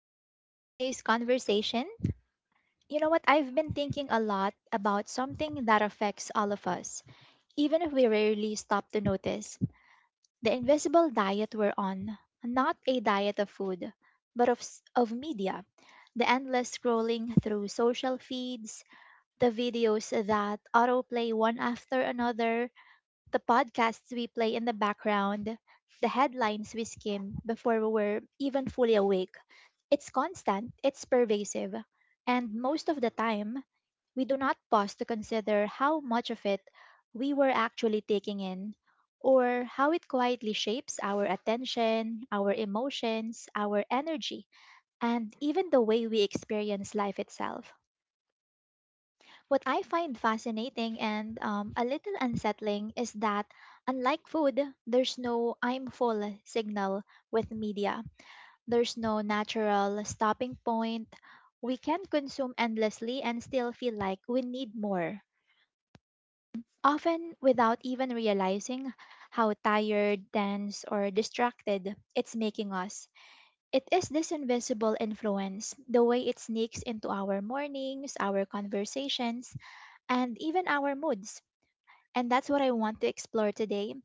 welcome to today's conversation. You know what? I've been thinking a lot about something that affects all of us, even if we rarely stop to notice. The invisible diet we're on, not a diet of food, but of media. The endless scrolling through social feeds, the videos that autoplay one after another, the podcasts we play in the background, the headlines we skim before we're even fully awake, it's constant, it's pervasive, and most of the time, we do not pause to consider how much of it we were actually taking in or how it quietly shapes our attention, our emotions, our energy, and even the way we experience life itself. What I find fascinating and a little unsettling is that, unlike food, there's no I'm full signal with media, there's no natural stopping point. We can consume endlessly and still feel like we need more, often without even realizing how tired, tense, or distracted it's making us. It is this invisible influence, the way it sneaks into our mornings, our conversations, and even our moods, and that's what I want to explore today.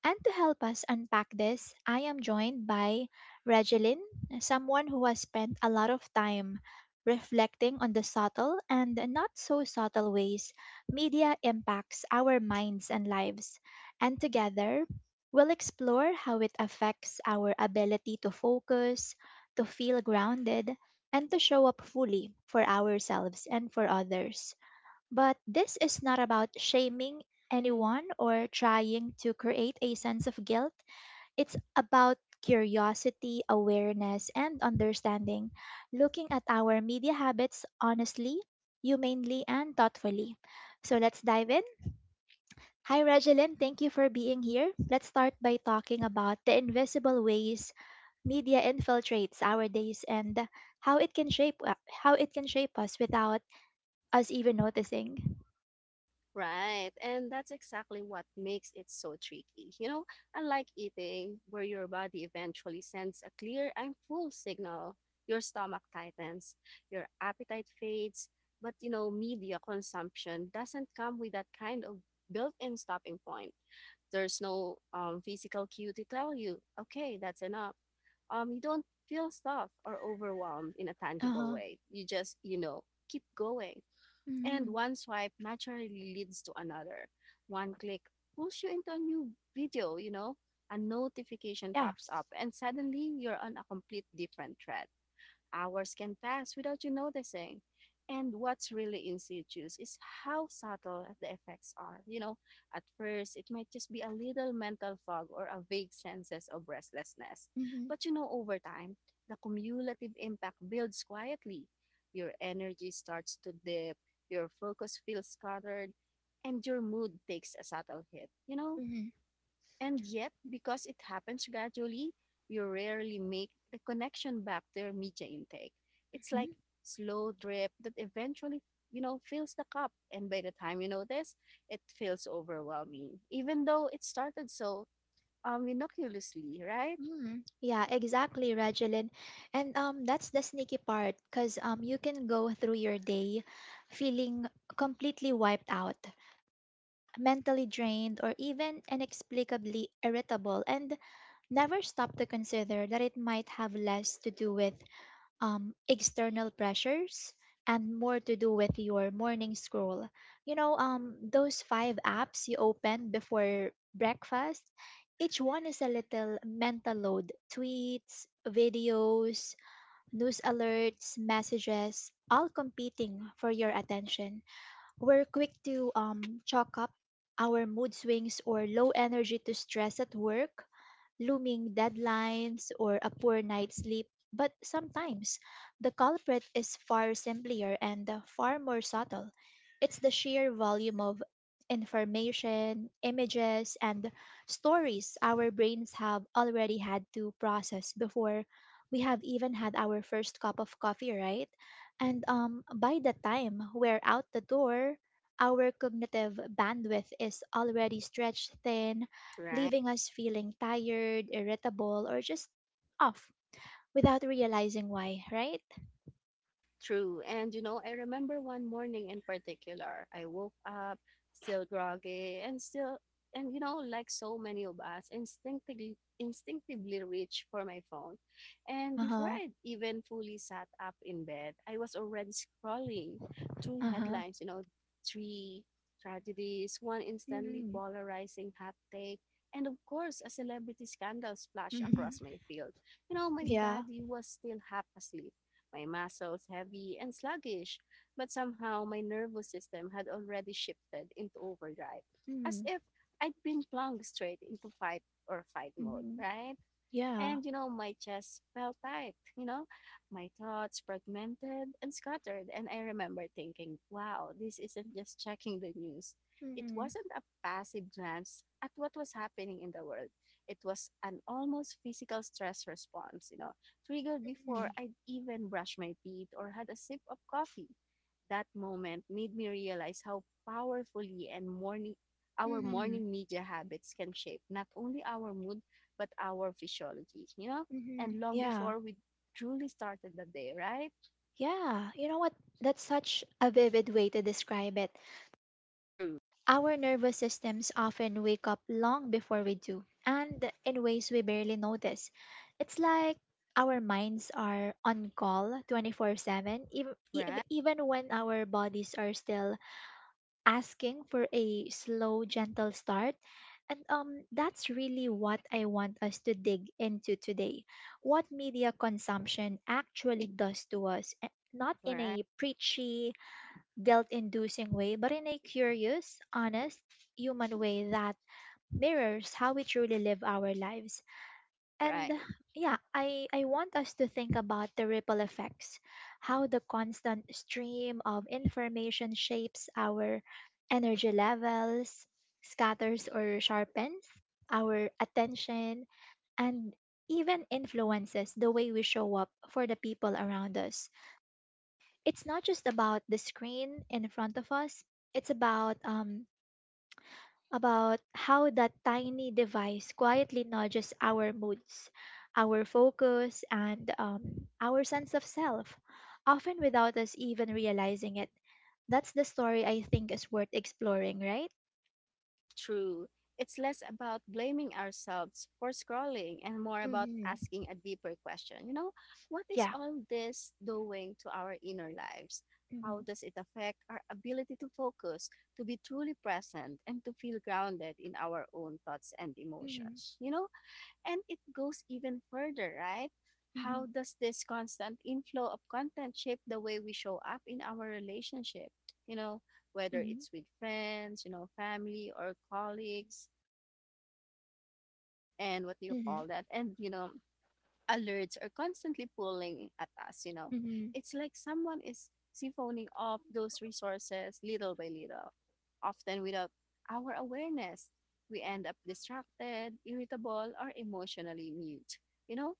And to help us unpack this, I am joined by Regeline, someone who has spent a lot of time reflecting on the subtle and not so subtle ways media impacts our minds and lives. And together, we'll explore how it affects our ability to focus, to feel grounded, and to show up fully for ourselves and for others. But this is not about shaming anyone or trying to create a sense of guilt. It's about curiosity, awareness, and understanding, looking at our media habits honestly, humanely, and thoughtfully. So let's dive in. Hi, Regeline. Thank you for being here. Let's start by talking about the invisible ways media infiltrates our days and how it can shape how it can shape us without us even noticing. Right. And that's exactly what makes it so tricky. You know, unlike eating, where your body eventually sends a clear I'm full signal, your stomach tightens, your appetite fades. But, you know, media consumption doesn't come with that kind of built in stopping point. There's no physical cue to tell you, okay, that's enough. You don't feel stuffed or overwhelmed in a tangible Uh-huh. way. You just, you know, keep going. And Mhm. one swipe naturally leads to another. One click pulls you into a new video, you know, a notification Yeah. pops up, and suddenly you're on a complete different thread. Hours can pass without you noticing. And what's really insidious is how subtle the effects are. You know, at first, it might just be a little mental fog or a vague sense of restlessness. Hmm. But you know, over time, the cumulative impact builds quietly. Your energy starts to dip, your focus feels scattered, and your mood takes a subtle hit. You know, Hmm. and yet, because it happens gradually, you rarely make the connection back to your media intake. It's Hmm. like slow drip that eventually, you know, fills the cup. And by the time you notice, it feels overwhelming, even though it started so innocuously, right? Hmm. Yeah, exactly, Regeline. And that's the sneaky part, because you can go through your day feeling completely wiped out, mentally drained, or even inexplicably irritable, and never stop to consider that it might have less to do with external pressures and more to do with your morning scroll. You know, those five apps you open before breakfast, each one is a little mental load: tweets, videos, news alerts, messages, all competing for your attention. We're quick to chalk up our mood swings or low energy to stress at work, looming deadlines, or a poor night's sleep. But sometimes the culprit is far simpler and far more subtle. It's the sheer volume of information, images, and stories our brains have already had to process before we have even had our first cup of coffee, right? And by the time we're out the door, our cognitive bandwidth is already stretched thin, Right. leaving us feeling tired, irritable, or just off without realizing why, right? True. And you know, I remember one morning in particular, I woke up still groggy and you know, like so many of us, instinctively reach for my phone. And Uh before huh. I even fully sat up in bed, I was already scrolling through Uh huh. headlines, you know, three tragedies, one instantly Mm-hmm. polarizing hot take, and of course, a celebrity scandal splashed Mm-hmm. across my field. You know, my Yeah. body was still half asleep, my muscles heavy and sluggish, but somehow my nervous system had already shifted into overdrive, as Mm-hmm. if I'd been plunged straight into fight or fight mode, Mm-hmm. right? Yeah. And, you know, my chest felt tight, you know, my thoughts fragmented and scattered. And I remember thinking, wow, this isn't just checking the news. It Mm-hmm. wasn't a passive glance at what was happening in the world. It was an almost physical stress response, you know, triggered before Mm-hmm. I'd even brushed my teeth or had a sip of coffee. That moment made me realize how powerfully and morning our Mm-hmm. Mm-hmm. morning media habits can shape not only our mood but our physiology, you know? Mm-hmm. And long Yeah. before we truly started the day, right? Yeah. You know what? That's such a vivid way to describe it. True. Our nervous systems often wake up long before we do, and in ways we barely notice. It's like our minds are on call 24/7, even, Right, even when our bodies are still asking for a slow, gentle start. And that's really what I want us to dig into today. What media consumption actually does to us, eh, not in right, a preachy, guilt inducing way, but in a curious, honest, human way that mirrors how we truly live our lives. And right. yeah, I want us to think about the ripple effects, how the constant stream of information shapes our energy levels, scatters or sharpens our attention, and even influences the way we show up for the people around us. It's not just about the screen in front of us, it's about about how that tiny device quietly nudges our moods, our focus, and our sense of self, often without us even realizing it. That's the story I think is worth exploring, right? True. It's less about blaming ourselves for scrolling and more about Mm-hmm. asking a deeper question. You know, what is Yeah. all this doing to our inner lives? Mm-hmm. How does it affect our ability to focus, to be truly present, and to feel grounded in our own thoughts and Mm-hmm. emotions? You know, and it goes even further, right? Mm-hmm. How does this constant inflow of content shape the way we show up in our relationship? You know, whether Mm-hmm. it's with friends, you know, family or colleagues, and what do you Mm-hmm. call that? And, you know, alerts are constantly pulling at us, you know. Mm-hmm. It's like someone is siphoning off those resources little by little, often without our awareness. We end up distracted, irritable, or emotionally mute. You know,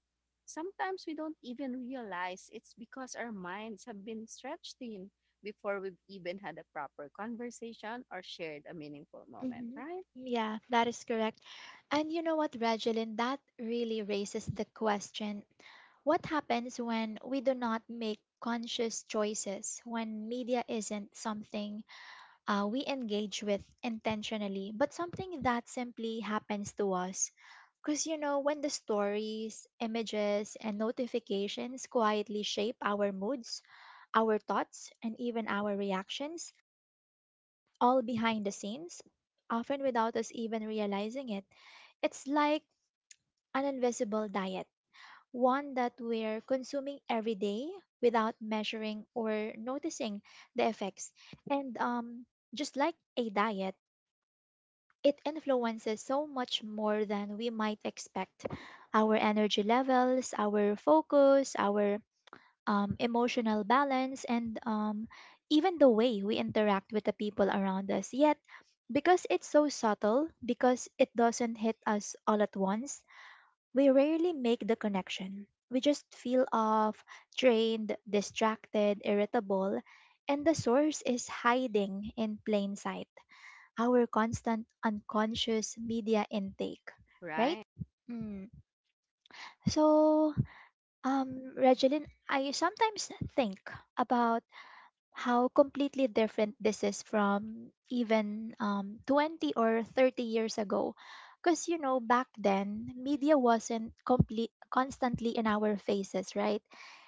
sometimes we don't even realize it's because our minds have been stretched thin before we've even had a proper conversation or shared a meaningful moment, Hmm. right? Yeah, that is correct. And you know what, Regeline, that really raises the question: what happens when we do not make conscious choices, when media isn't something we engage with intentionally, but something that simply happens to us? Because, you know, when the stories, images, and notifications quietly shape our moods, our thoughts, and even our reactions, all behind the scenes, often without us even realizing it. It's like an invisible diet, one that we're consuming every day without measuring or noticing the effects. And just like a diet, it influences so much more than we might expect: our energy levels, our focus, our emotional balance, and even the way we interact with the people around us. Yet, because it's so subtle, because it doesn't hit us all at once, we rarely make the connection. We just feel off, drained, distracted, irritable, and the source is hiding in plain sight. Our constant unconscious media intake, right? Right, Mm. So, Regeline, I sometimes think about how completely different this is from even 20 or 30 years ago, because you know, back then media wasn't complete constantly in our faces, right?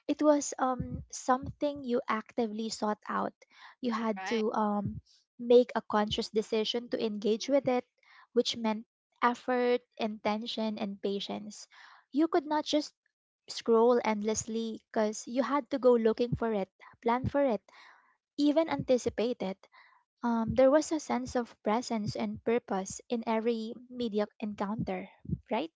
It was something you actively sought out. You had Right. to make a conscious decision to engage with it, which meant effort, intention, and patience. You could not just scroll endlessly because you had to go looking for it, plan for it, even anticipated. There was a sense of presence and purpose in every media encounter, right?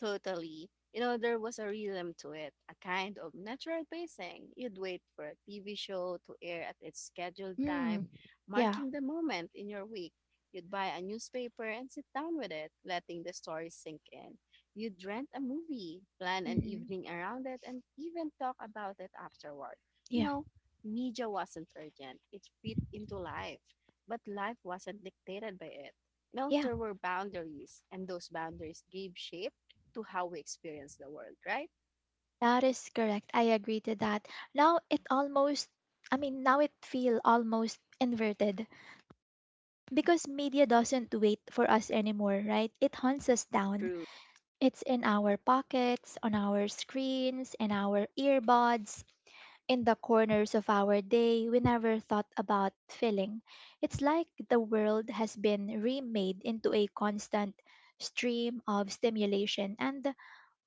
Totally. You know, there was a rhythm to it, a kind of natural pacing. You'd wait for a TV show to air at its scheduled time, Mm, yeah. marking the moment in your week. You'd buy a newspaper and sit down with it, letting the story sink in. You'd rent a movie, plan an Hmm. evening around it, and even talk about it afterward. You Yeah. know, media wasn't urgent, it fit into life, but life wasn't dictated by it. You know, Yeah. there were boundaries, and those boundaries gave shape to how we experience the world, right? That is correct. I agree to that. Now it almost, I mean, now it feel almost inverted because media doesn't wait for us anymore, right? It hunts us down. True. It's in our pockets, on our screens, in our earbuds, in the corners of our day we never thought about filling. It's like the world has been remade into a constant stream of stimulation and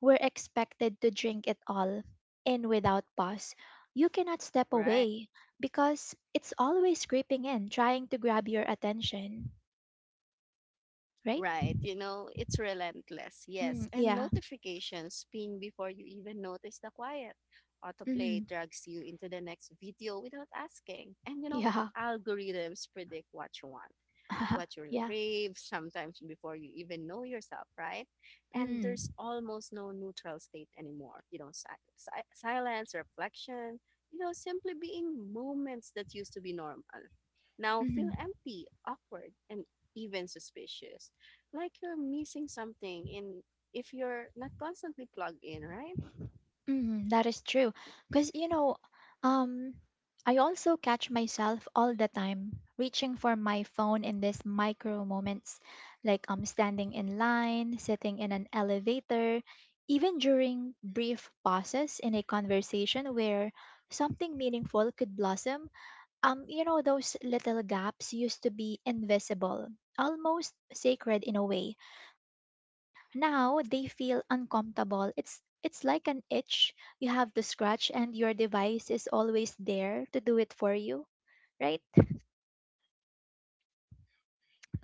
we're expected to drink it all in without pause. You cannot step Right. away because it's always creeping in, trying to grab your attention, right? Right. You know, it's relentless. Yes. Mm, And yeah. notifications ping before you even notice the quiet. Autoplay Mm, drags you into the next video without asking. And, you know, yeah. algorithms predict what you want, what you Yeah. crave, sometimes before you even know yourself, right? And Mm, there's almost no neutral state anymore. You know, silence, reflection, you know, simply being moments that used to be normal now feel mhm. empty, awkward, and even suspicious. Like you're missing something in if you're not constantly plugged in, right? Mhm, that is true. Because, you know, um, I also catch myself all the time reaching for my phone in these micro moments, like standing in line, sitting in an elevator, even during brief pauses in a conversation where something meaningful could blossom. You know, those little gaps used to be invisible, almost sacred in a way. Now they feel uncomfortable. It's like an itch you have to scratch and your device is always there to do it for you, right?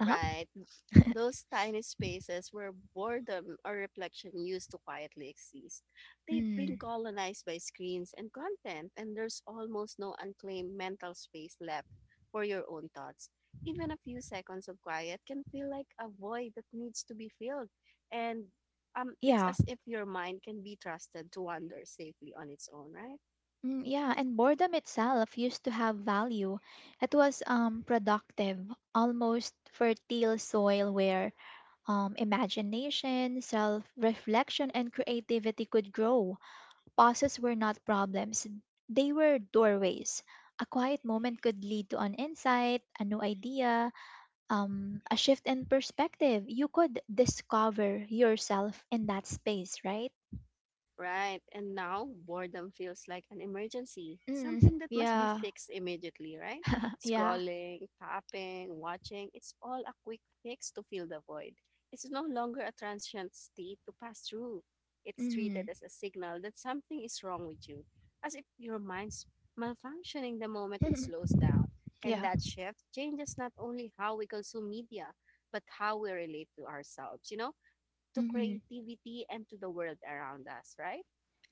Uh-huh. Those tiny spaces where boredom or reflection used to quietly exist. They've been Mm, colonized by screens and content, and there's almost no unclaimed mental space left for your own thoughts. Even a few seconds of quiet can feel like a void that needs to be filled. And it's yeah. as if your mind can be trusted to wander safely on its own, right? Mm, yeah, and boredom itself used to have value. It was productive, almost fertile soil where imagination, self-reflection and creativity could grow. Pauses were not problems, they were doorways. A quiet moment could lead to an insight, a new idea, a shift in perspective. You could discover yourself in that space, right? Right, and now boredom feels like an emergency, Mm, something that must be yeah, fixed immediately, right? yeah. Scrolling, tapping, watching, it's all a quick fix to fill the void. It's no longer a transient state to pass through. It's Mm. treated as a signal that something is wrong with you, as if your mind's malfunctioning the moment it slows down. And Yeah. that shift changes not only how we consume media, but how we relate to ourselves, you know, to Mhm. creativity and to the world around us, right?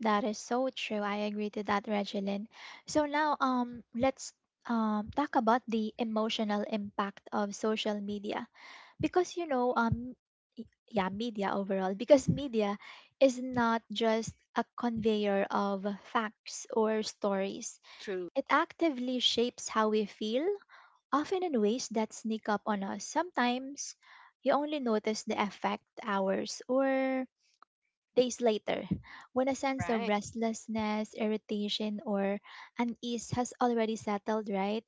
That is so true. I agree to that, Regeline. So now let's talk about the emotional impact of social media. Because you know media overall, because media is not just a conveyor of facts or stories, True. it actively shapes how we feel, often in ways that sneak up on us. Sometimes you only notice the effect hours or days later, when a sense of Right. restlessness, irritation, or unease has already settled, right?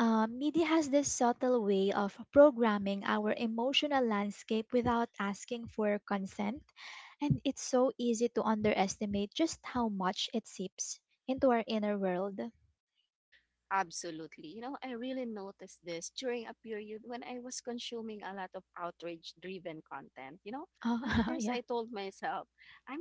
Media has this subtle way of programming our emotional landscape without asking for consent, and it's so easy to underestimate just how much it seeps into our inner world. Absolutely. You know, I really noticed this during a period when I was consuming a lot of outrage driven content. You know, at Oh, first yeah. I told myself, I'm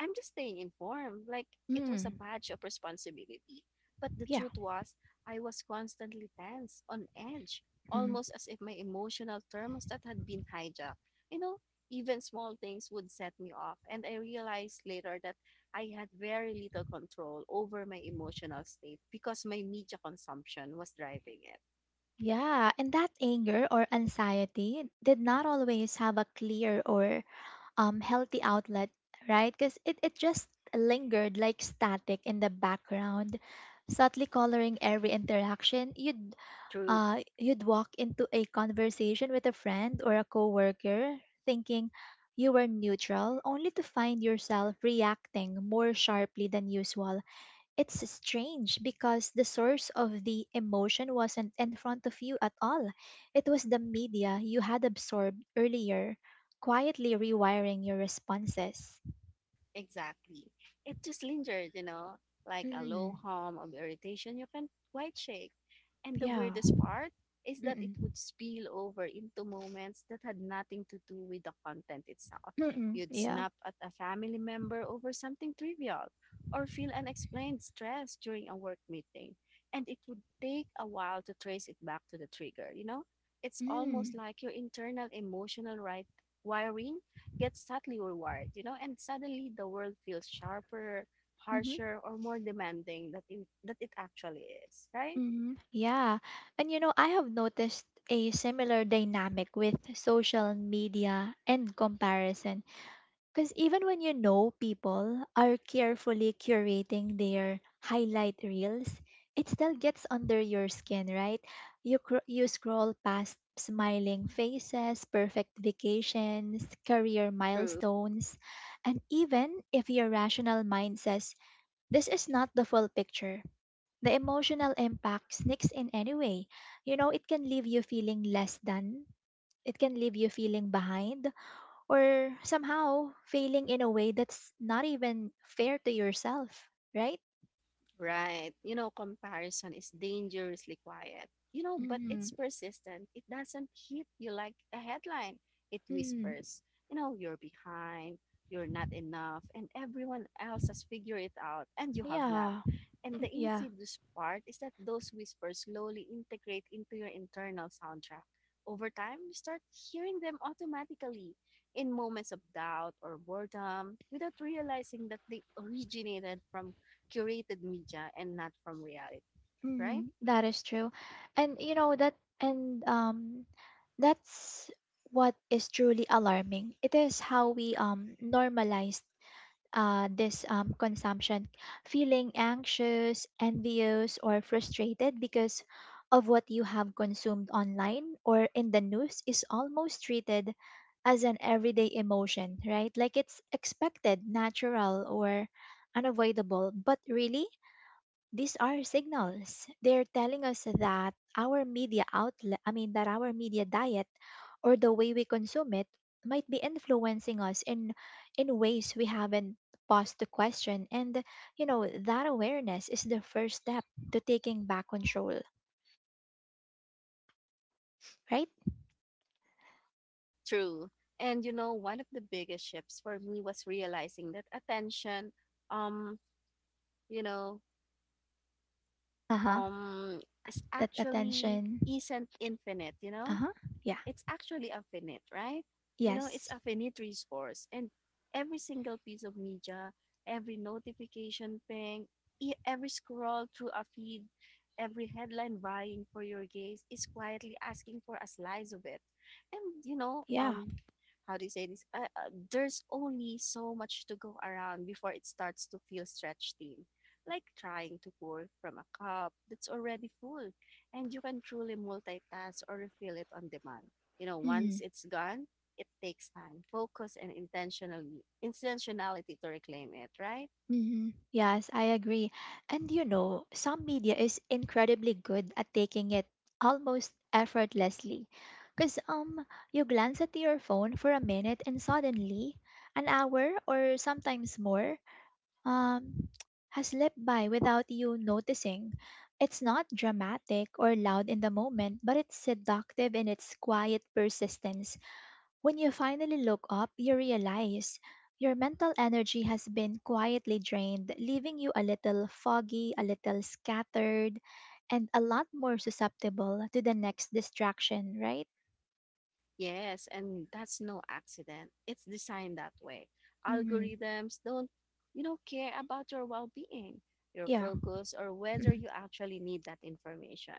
I'm just staying informed. Like it was a Mm, badge of responsibility. But the yeah. truth was, I was constantly tense, on edge, Mm. almost as if my emotional thermostat had been hijacked. You know, even small things would set me off. And I realized later that I had very little control over my emotional state because my media consumption was driving it. Yeah, and that anger or anxiety did not always have a clear or healthy outlet, right? Because it just lingered like static in the background, subtly coloring every interaction. you'd True. uh, you'd walk into a conversation with a friend or a coworker thinking you were neutral, only to find yourself reacting more sharply than usual. It's strange because the source of the emotion wasn't in front of you at all. It was the media you had absorbed earlier, quietly rewiring your responses. Exactly. It just lingered, you know, like a low Mm, hum of irritation you can't quite shake. And the yeah. weirdest part is that it Mm-mm. would spill over into moments that had nothing to do with the content itself. Mm-mm. You'd Yeah. snap at a family member over something trivial or feel unexplained stress during a work meeting. And it would take a while to trace it back to the trigger, you know? It's Mm. almost like your internal emotional right wiring gets subtly rewarded, you know, and suddenly the world feels sharper, harsher, or more demanding that it actually is, right? Hmm. Yeah. And you know, I have noticed a similar dynamic with social media and comparison. Because even when you know people are carefully curating their highlight reels, it still gets under your skin, right? You scroll past smiling faces, perfect vacations, career True. milestones, and even if your rational mind says, this is not the full picture, the emotional impact sneaks in anyway. You know, it can leave you feeling less than, it can leave you feeling behind, or somehow failing in a way that's not even fair to yourself, right? Right. You know, comparison is dangerously quiet. You know, but it's Mm-hmm. persistent. It doesn't hit you like a headline. It Mm-hmm. whispers, you know, you're behind, you're not enough, and everyone else has figured it out, and you have not. Yeah, And the yeah, insidious part is that those whispers slowly integrate into your internal soundtrack. Over time, you start hearing them automatically in moments of doubt or boredom without realizing that they originated from curated media and not from reality, right? mm-hmm. That is true. And you know that, and that's what is truly alarming. It is how we normalize this consumption, feeling anxious, envious, or frustrated because of what you have consumed online or in the news is almost treated as an everyday emotion, right? Like it's expected, natural, or unavoidable. But really, these are signals. They're telling us that our media outlet, I mean, that our media diet or the way we consume it might be influencing us in ways we haven't paused to question, and that awareness is the first step to taking back control, right? True. And you know, one of the biggest shifts for me was realizing that attention, um, you know, Uh-huh. um, is That actually attention. isn't infinite, you know? Uh-huh. Yeah. It's actually a finite, right? You know, it's Yes. a finite resource. And every single piece of media, every notification ping, every scroll through a feed, every headline vying for your gaze is quietly asking for a slice of it. And, you know, Yeah. How do you say this? There's only so much to go around before it starts to feel stretched thin. Like trying to pour from a cup that's already full, and you can truly multitask or refill it on demand. You know, once Mhm. it's gone, it takes time, focus, and intentionally intentionality to reclaim it, right? Hmm. Yes, I agree. And some media is incredibly good at taking it almost effortlessly. Because you glance at your phone for a minute and suddenly an hour or sometimes more um, has slipped by without you noticing. It's not dramatic or loud in the moment, but it's seductive in its quiet persistence. When you finally look up, you realize your mental energy has been quietly drained, leaving you a little foggy, a little scattered, and a lot more susceptible to the next distraction, right? Yes, and that's no accident. It's designed that way. Mm, Algorithms don't, you know, care about your well-being, your yeah. focus, or whether you actually need that information.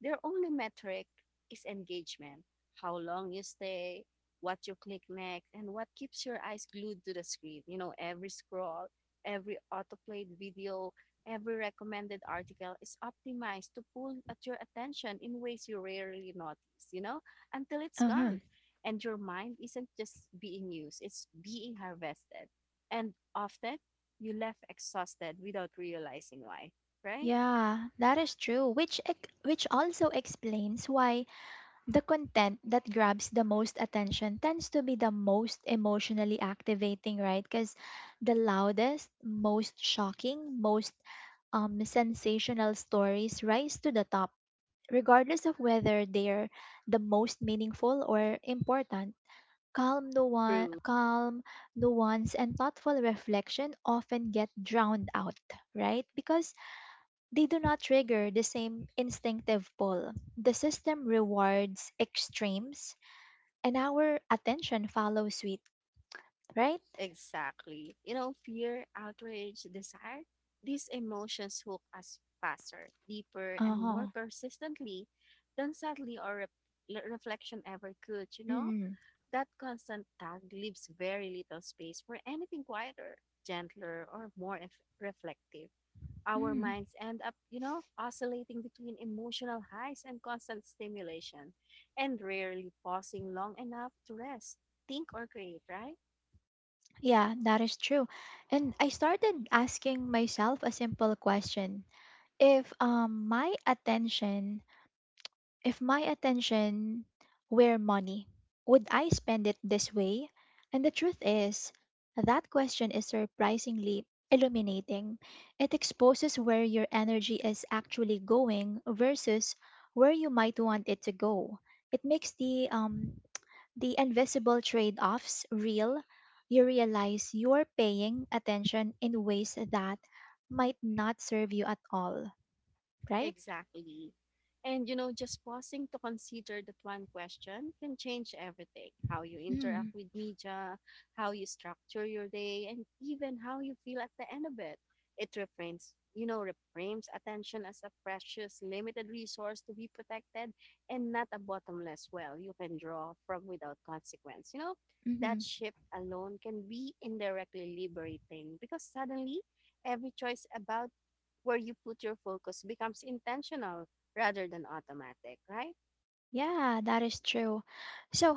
Their only metric is engagement, how long you stay, what you click next, and what keeps your eyes glued to the screen. You know, every scroll, every autoplayed video, every recommended article is optimized to pull at your attention in ways you rarely notice, you know? Until it's Uh huh. gone and your mind isn't just being used, it's being harvested. And often you left exhausted without realizing why, right? Yeah, that is true. Which also explains why the content that grabs the most attention tends to be the most emotionally activating, right? Because the loudest, most shocking, most sensational stories rise to the top, regardless of whether they're the most meaningful or important. True. Calm, nuance, and thoughtful reflection often get drowned out, right? Because they do not trigger the same instinctive pull. The system rewards extremes, and our attention follows suit, right? Exactly. You know, fear, outrage, desire, these emotions hook us faster, deeper, and more Uh-huh. persistently than sadly or reflection ever could, you know? Mm. That constant tug leaves very little space for anything quieter, gentler, or more reflective. Our Mm. minds end up, you know, oscillating between emotional highs and constant stimulation, and rarely pausing long enough to rest, think, or create, right? Yeah, that is true. And I started asking myself a simple question. If um my attention If my attention were money, would I spend it this way? And the truth is, that question is surprisingly illuminating. It exposes where your energy is actually going versus where you might want it to go. It makes the invisible trade-offs real. You realize you're paying attention in ways that might not serve you at all, right? Exactly. And you know, just pausing to consider that one question can change everything how you interact Hmm. with media, how you structure your day, and even how you feel at the end of it. It reframes, you know, reframes attention as a precious, limited resource to be protected and not a bottomless well you can draw from without consequence. That Mm-hmm. shift alone can be indirectly liberating because suddenly every choice about where you put your focus becomes intentional rather than automatic, right? Yeah, that is true. So,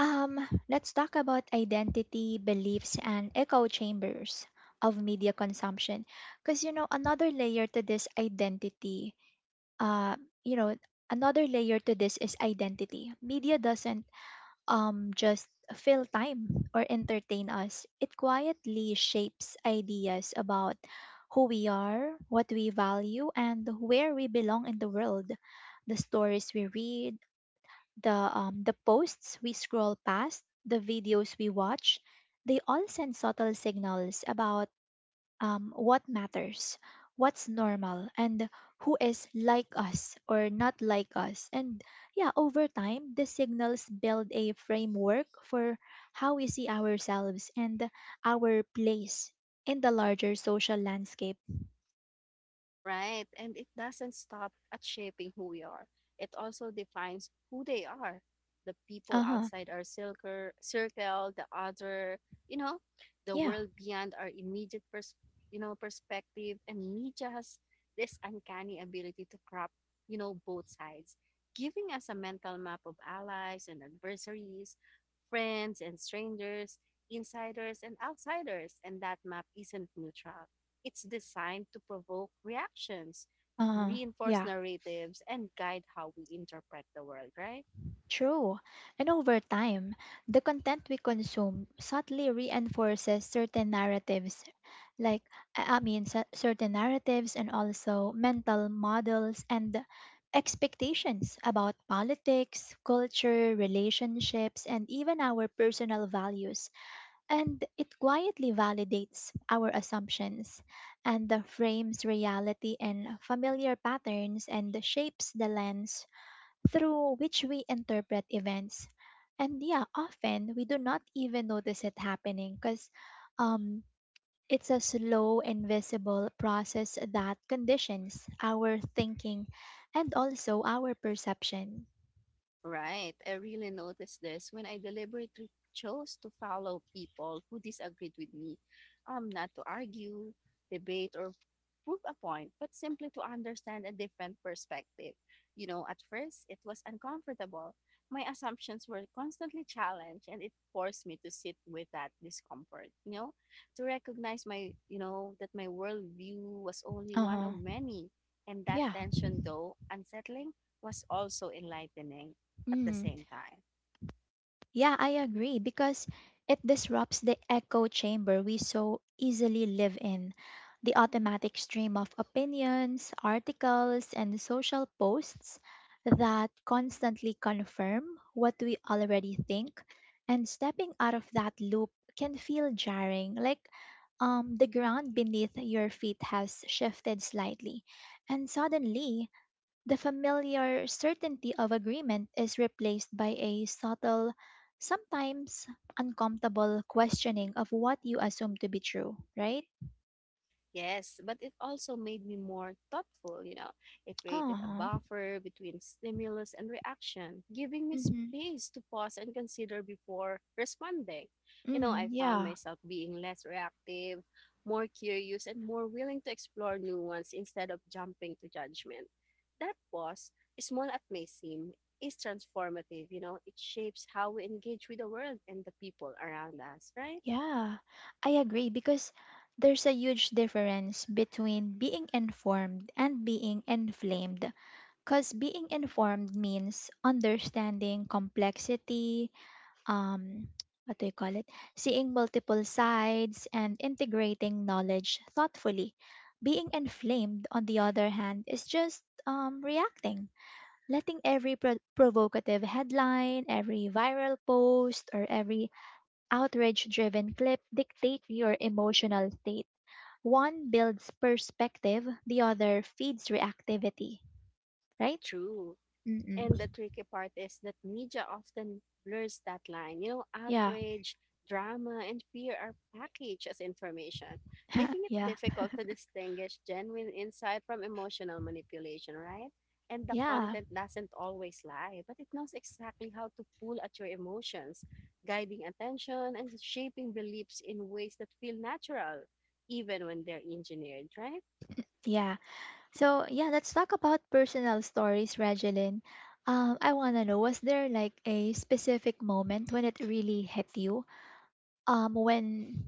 um, let's talk about identity, beliefs, and echo chambers of media consumption. Because, uh, you know, another layer to this is identity. Media doesn't just fill time or entertain us, it quietly shapes ideas about who we are, what we value, and where we belong in the world. The stories we read, the posts we scroll past, the videos we watch, they all send subtle signals about what matters, what's normal, and who is like us or not like us. And yeah, over time, the signals build a framework for how we see ourselves and our place in the larger social landscape. Right. And it doesn't stop at shaping who we are. It also defines who they are. The people Uh huh. outside our circle, the other, you know, the Yeah. world beyond our immediate perspective. And media has this uncanny ability to crop, both sides, giving us a mental map of allies and adversaries, friends and strangers, insiders and outsiders. And that map isn't neutral, it's designed to provoke reactions, Uh huh. reinforce Yeah. narratives, and guide how we interpret the world, right? True. And over time, the content we consume subtly reinforces certain narratives, like, certain narratives and also mental models and expectations about politics, culture, relationships, and even our personal values. And it quietly validates our assumptions and frames reality in familiar patterns and shapes the lens through which we interpret events. And yeah, often we do not even notice it happening because um, it's a slow, invisible process that conditions our thinking and also our perception. Right. I really noticed this when I deliberately chose to follow people who disagreed with me. Not to argue, debate, or prove a point, but simply to understand a different perspective. You know, at first, it was uncomfortable. My assumptions were constantly challenged, and it forced me to sit with that discomfort, you know, to recognize that my worldview was only Uh one of huh. many. And that Yeah. tension, though unsettling, was also enlightening at the Mm. same time. Yeah, I agree because it disrupts the echo chamber we so easily live in. The automatic stream of opinions, articles, and social posts that constantly confirm what we already think, and stepping out of that loop can feel jarring, like the ground beneath your feet has shifted slightly, and suddenly the familiar certainty of agreement is replaced by a subtle, sometimes uncomfortable questioning of what you assume to be true, right? Yes, but it also made me more thoughtful, you know. It created a Uh-huh. buffer between stimulus and reaction, giving me Mhm. space to pause and consider before responding. You know, Mhm. I found Yeah. myself being less reactive, more curious, and more willing to explore nuance instead of jumping to judgment. That pause, small as may seem, is transformative, you know. It shapes how we engage with the world and the people around us, right? Yeah. I agree because there's a huge difference between being informed and being inflamed. Cuz being informed means understanding complexity, um what do you call it seeing multiple sides and integrating knowledge thoughtfully. Being inflamed, on the other hand, is just reacting, letting every provocative headline, every viral post, or every outrage driven clip dictate your emotional state. One builds perspective, the other feeds reactivity, right? True. Mm-mm. And the tricky part is that media often blurs that line. You know, Yeah. outrage, drama, and fear are packaged as information, making it Yeah. difficult to distinguish genuine insight from emotional manipulation, right? And the Yeah. content doesn't always lie, but it knows exactly how to pull at your emotions, guiding attention and shaping beliefs in ways that feel natural, even when they're engineered, right? Yeah. So yeah, let's talk about personal stories, Regeline. I wanna know, was there like a specific moment when it really hit you? When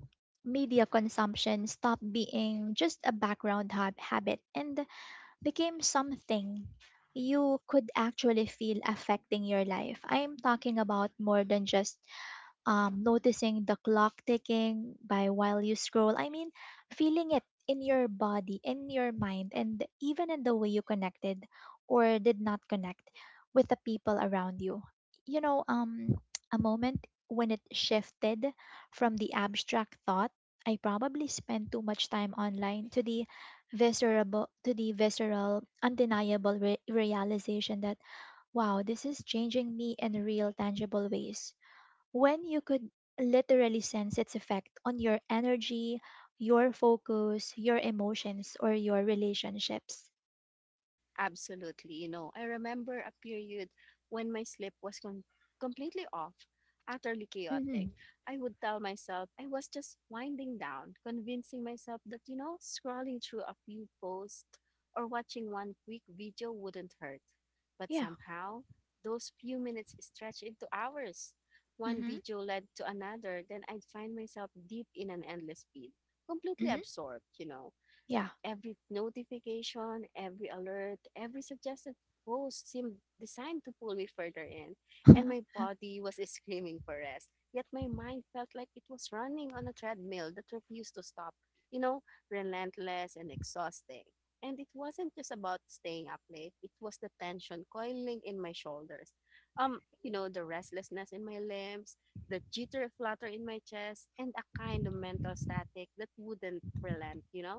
media consumption stopped being just a background habit and became something you could actually feel affecting your life. I'm talking about more than just noticing the clock ticking by while you scroll. I mean, feeling it in your body, in your mind, and even in the way you connected or did not connect with the people around you. You know, a moment when it shifted from the abstract thought, I probably spent too much time online, to the visceral, undeniable realization that, wow, this is changing me in real, tangible ways. When you could literally sense its effect on your energy, your focus, your emotions, or your relationships. Absolutely. You know, I remember a period when my sleep was completely off, utterly Mm-hmm. chaotic. I would tell myself I was just winding down, convincing myself that, you know, scrolling through a few posts or watching one quick video wouldn't hurt. But Yeah. somehow, those few minutes stretched into hours. One Mm-hmm. video led to another, then I'd find myself deep in an endless feed, completely Mm-hmm. absorbed, you know. Yeah. Every notification, every alert, every suggested post seemed designed to pull me further in, and my Mm-hmm. body was screaming for rest. Yet my mind felt like it was running on a treadmill that refused to stop, you know, relentless and exhausting. And it wasn't just about staying up late, it was the tension coiling in my shoulders. You know, the restlessness in my limbs, the jitter flutter in my chest, and a kind of mental static that wouldn't relent, you know?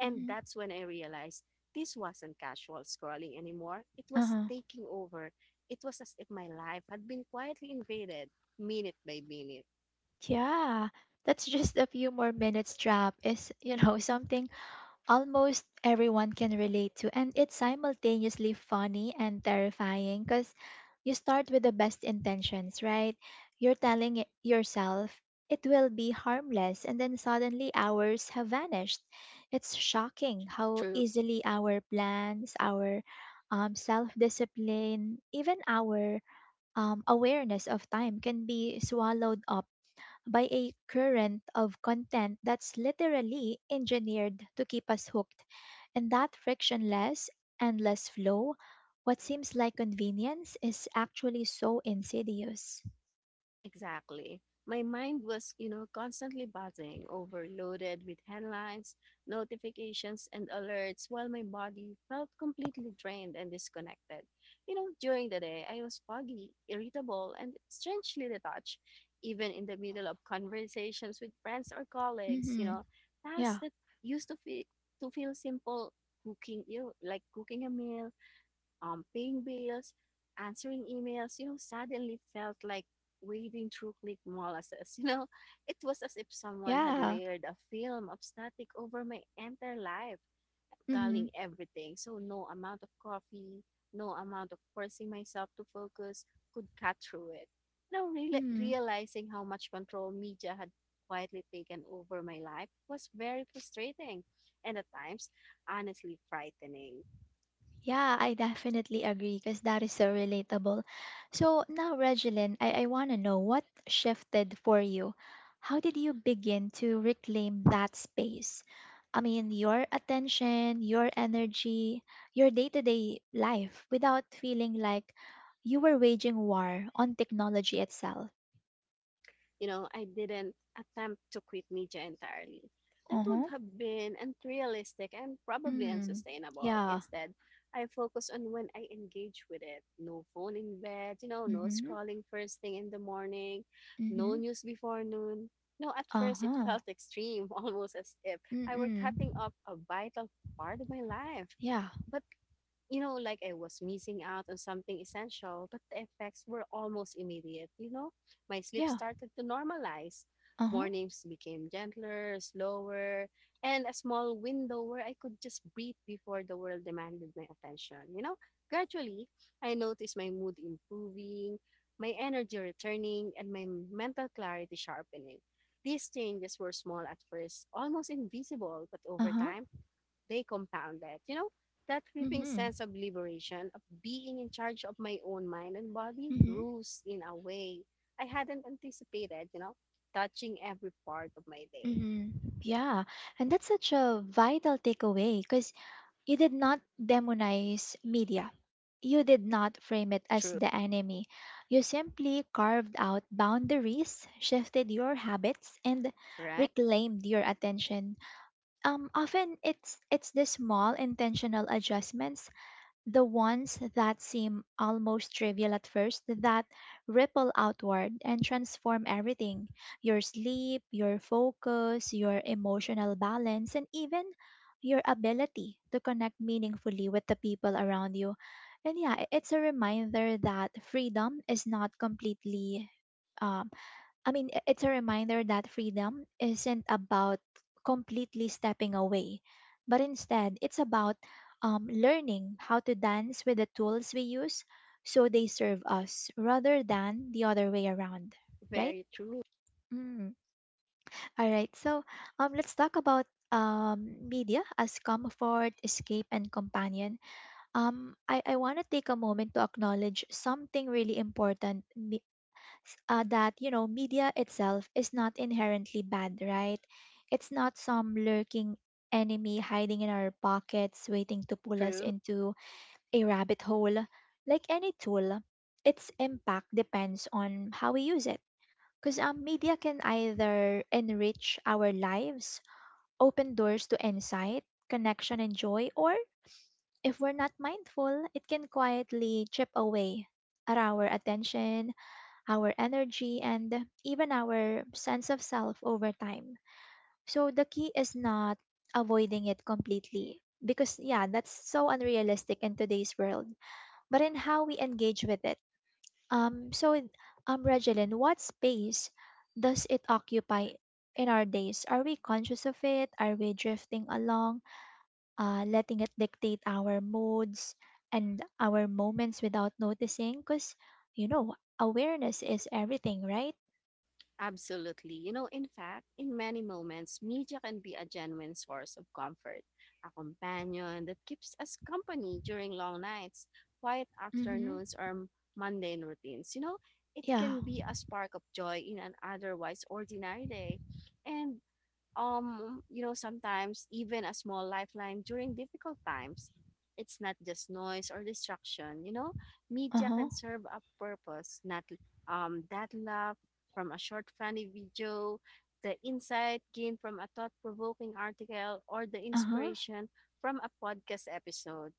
And that's when I realized this wasn't casual scrolling anymore. It was Uh-huh. taking over. It was as if my life had been quietly invaded minute by minute. Yeah. That's just a few more minutes drop is, something almost everyone can relate to. And it's simultaneously funny and terrifying because you start with the best intentions, right? You're telling yourself it will be harmless, and then suddenly hours have vanished. It's shocking how True. easily our plans, our self discipline, even our awareness of time can be swallowed up by a current of content that's literally engineered to keep us hooked. In that frictionless, endless flow, what seems like convenience is actually so insidious. Exactly. My mind was, you know, constantly buzzing, overloaded with headlines, notifications, and alerts, while my body felt completely drained and disconnected. You know, during the day, I was foggy, irritable, and strangely detached, even in the middle of conversations with friends or colleagues, you Mm-hmm. know, tasks Yeah. that used to feel simple, cooking, you know, like cooking a meal, paying bills, answering emails, you know, suddenly felt like wading through click molasses. You know, it was as if someone had Yeah. layered a film of static over my entire life, Mm-hmm. dulling everything. So no amount of coffee, no amount of forcing myself to focus could cut through it. Now reala Mm-hmm. realizing how much control media had quietly taken over my life was very frustrating and at times honestly frightening. Yeah, I definitely agree because that is so relatable. So now, Regeline, I want to know, what shifted for you? How did you begin to reclaim that space? I mean, your attention, your energy, your day to day life without feeling like you were waging war on technology itself. You know, I didn't attempt to quit media entirely. That Uh would huh. have been unrealistic and probably Mm. unsustainable. Yeah. Instead, I focus on when I engage with it. No phone in bed, you know, Mm no hmm. scrolling first thing in the morning, Mm no hmm. news before noon. No, at Uh first it huh. felt extreme, almost as if Mm I were mm. cutting off a vital part of my life. Yeah. But you know, like I was missing out on something essential, but the effects were almost immediate. You know, my sleep Yeah. started to normalize. Uh huh. Mornings became gentler, slower, and a small window where I could just breathe before the world demanded my attention. You know, gradually, I noticed my mood improving, my energy returning, and my mental clarity sharpening. These changes were small at first, almost invisible, but Uh over huh. time, they compound it. You know, that creeping Mm sense of liberation, of being in charge of my own mind and body, hmm. grows in a way I hadn't anticipated, you know, touching every part of my day. Hmm. Yeah, and that's such a vital takeaway because you did not demonize media. You did not frame it as True, the enemy. You simply carved out boundaries, shifted your habits, and right? reclaimed your attention. Often it's the small intentional adjustments, the ones that seem almost trivial at first, that ripple outward and transform everything: your sleep, your focus, your emotional balance, and even your ability to connect meaningfully with the people around you. And yeah, it's a reminder that freedom is not completely um, I mean, I- it's a reminder that freedom isn't about completely stepping away, but instead, it's about learning how to dance with the tools we use so they serve us rather than the other way around, right? Very true. Mm. All right, so let's talk about media as comfort, escape, and companion. I want to take a moment to acknowledge something really important, that, you know, media itself is not inherently bad, right? It's not some lurking enemy hiding in our pockets waiting to pull us True. into a rabbit hole. Like any tool, its impact depends on how we use it. Because media can either enrich our lives, open doors to insight, connection, and joy, or if we're not mindful, it can quietly chip away at our attention, our energy, and even our sense of self over time. So the key is not avoiding it completely because, yeah, that's so unrealistic in today's world, but in how we engage with it. So, Regeline, what space does it occupy in our days? Are we conscious of it? Are we drifting along, letting it dictate our moods and our moments without noticing? Because, you know, awareness is everything, right? Absolutely. You know, in fact, in many moments, media can be a genuine source of comfort, a companion that keeps us company during long nights, quiet Mhm. afternoons, or mundane routines. You know, it Yeah. can be a spark of joy in an otherwise ordinary day. And you know, sometimes even a small lifeline during difficult times. It's not just noise or distraction, you know, media Uh-huh. can serve a purpose. Not um that laugh from a short funny video, the insight gained from a thought-provoking article, or the Uh-huh. inspiration from a podcast episode,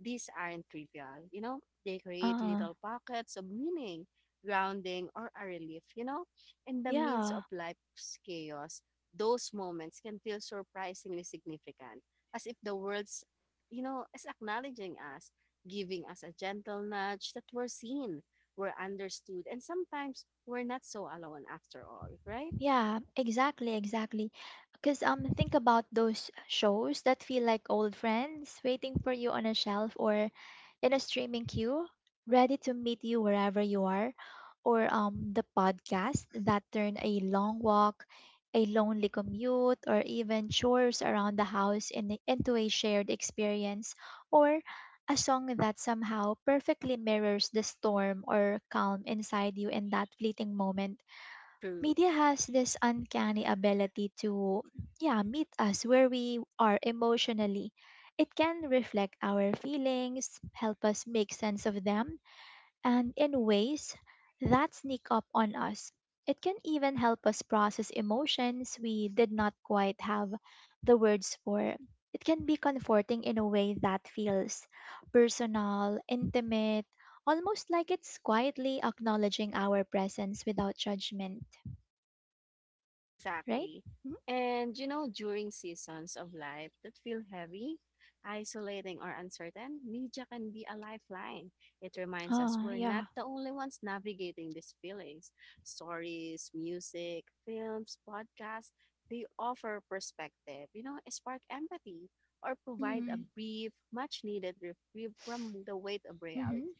these aren't trivial, you know, they create Uh. little pockets of meaning, grounding, or a relief, you know, in the midst Yeah. of life's chaos. Those moments can feel surprisingly significant, as if the world's, you know, is acknowledging us, giving us a gentle nudge that we're seen, we're understood, and sometimes we're not so alone after all, right? Yeah, exactly, exactly. Because think about those shows that feel like old friends waiting for you on a shelf or in a streaming queue, ready to meet you wherever you are, or the podcast that turn a long walk, a lonely commute, or even chores around the house into a shared experience, or a song that somehow perfectly mirrors the storm or calm inside you in that fleeting moment. True. Media has this uncanny ability to, yeah, meet us where we are emotionally. It can reflect our feelings, help us make sense of them, and in ways that sneak up on us. It can even help us process emotions we did not quite have the words for. It can be comforting in a way that feels personal, intimate, almost like it's quietly acknowledging our presence without judgment, right? Exactly. Mhm. And you know, during seasons of life that feel heavy, isolating, or uncertain, media can be a lifeline. It reminds us Ah, we're not yeah. the only ones navigating these feelings. Stories, music, films, podcasts, they offer perspective, you know, spark empathy, or provide a Mm-hmm. brief, much needed reprieve from the weight of reality. Mm-hmm.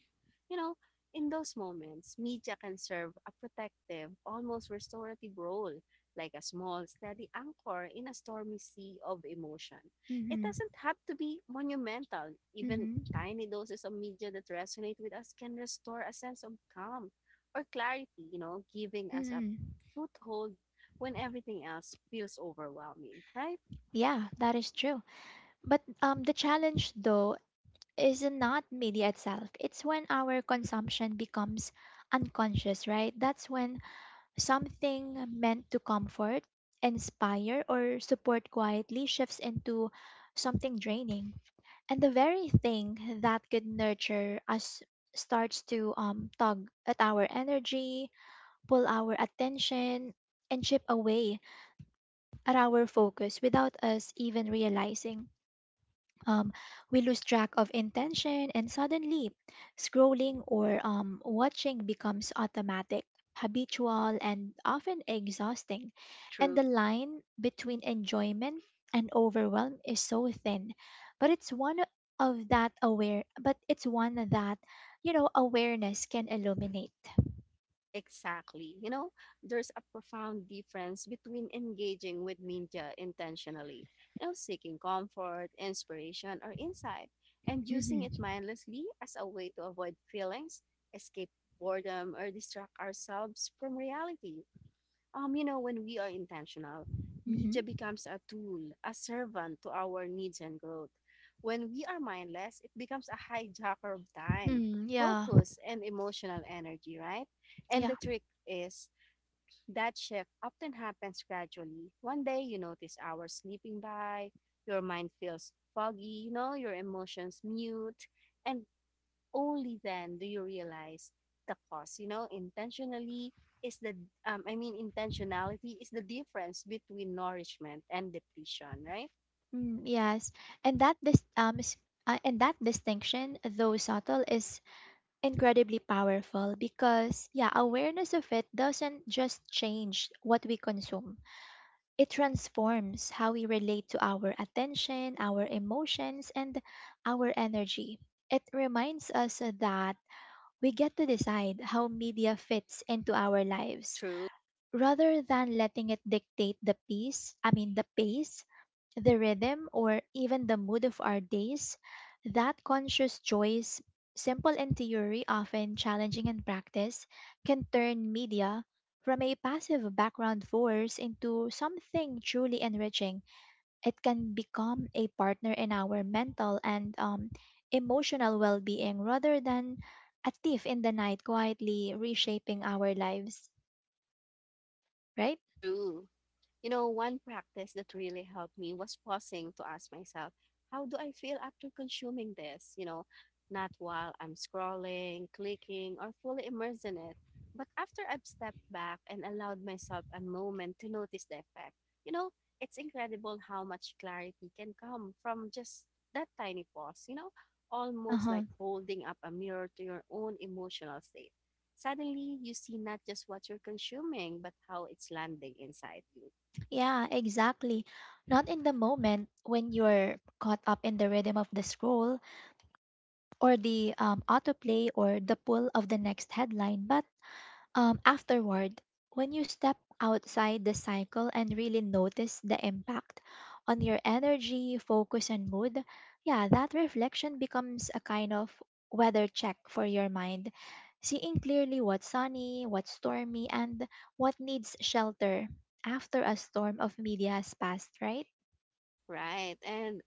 You know, in those moments, media can serve a protective, almost restorative role, like a small, steady anchor in a stormy sea of emotion. It Mm-hmm. doesn't have to be monumental. Even Mm-hmm. tiny doses of media that resonate with us can restore a sense of calm or clarity, you know, giving us a Mm-hmm. foothold when everything else feels overwhelming, right? Yeah, that is true. But the challenge though is not media itself. It's when our consumption becomes unconscious, right? That's when something meant to comfort, inspire, or support quietly shifts into something draining. And the very thing that could nurture us starts to tug at our energy, pull our attention, and chip away at our focus without us even realizing. Um, we lose track of intention and suddenly scrolling or watching becomes automatic, habitual, and often exhausting. And True. the line between enjoyment and overwhelm is so thin. But it's one but it's one that, you know, awareness can illuminate. Exactly. You know, there's a profound difference between engaging with media intentionally, you know, seeking comfort, inspiration, or insight, and using Mm-hmm. it mindlessly as a way to avoid feelings, escape boredom, or distract ourselves from reality. You know, when we are intentional, media Mm-hmm. becomes a tool, a servant to our needs and growth. When we are mindless, it becomes a hijacker of time, Mm, yeah. focus, and emotional energy, right? And Yeah. the trick is that shift often happens gradually. One day you notice hours slipping by, your mind feels foggy, you know, your emotions mute, and only then do you realize the cause. You know, intentionally is the I mean intentionality is the difference between nourishment and depletion, right? Mm, yes. And that this um is, and that distinction, though subtle, is incredibly powerful because, yeah, awareness of it doesn't just change what we consume. It transforms how we relate to our attention, our emotions, and our energy. It reminds us that we get to decide how media fits into our lives True. rather than letting it dictate the pace, I mean the rhythm, or even the mood of our days. That conscious choice, simple in theory, often challenging in practice, can turn media from a passive background force into something truly enriching. It can become a partner in our mental and emotional well being rather than a thief in the night quietly reshaping our lives, right? True. You know, one practice that really helped me was pausing to ask myself, how do I feel after consuming this? You know, not while I'm scrolling, clicking, or fully immersed in it, but after I've stepped back and allowed myself a moment to notice the effect. You know, it's incredible how much clarity can come from just that tiny pause, you know, Uh almost huh. like holding up a mirror to your own emotional state. Suddenly, you see not just what you're consuming, but how it's landing inside you. Yeah, exactly. Not in the moment when you're caught up in the rhythm of the scroll or the autoplay or the pull of the next headline, but afterward, when you step outside the cycle and really notice the impact on your energy, focus, and mood. Yeah, that reflection becomes a kind of weather check for your mind, seeing clearly what's sunny, what's stormy, and what needs shelter after a storm of media has passed, right? Right. And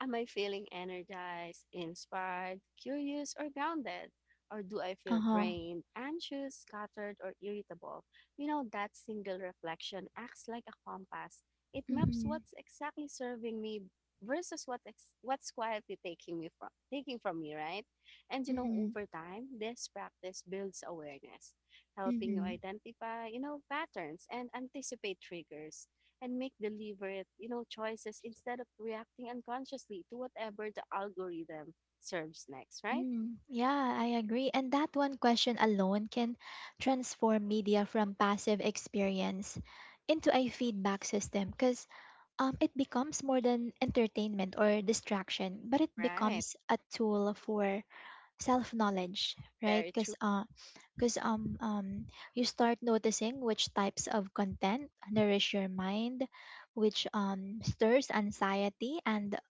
am I feeling energized, inspired, curious, or grounded? Or do I Uh feel huh. drained, anxious, scattered, or irritable? You know, that single reflection acts like a compass. It Mm maps hmm. what's exactly serving me versus what's quietly taking from me, right? And you Mm know, hmm. over time, this practice builds awareness, Mm helping you hmm. identify, you know, patterns and anticipate triggers, and make deliberate, you know, choices instead of reacting unconsciously to whatever the algorithm serves next, right? Mm, yeah, I agree. And that one question alone can transform media from passive experience into a feedback system because it becomes more than entertainment or distraction, but it Right. becomes a tool for self knowledge, right? Very true. Cause, um, um, you start noticing which types of content nourish your mind, which stirs anxiety, and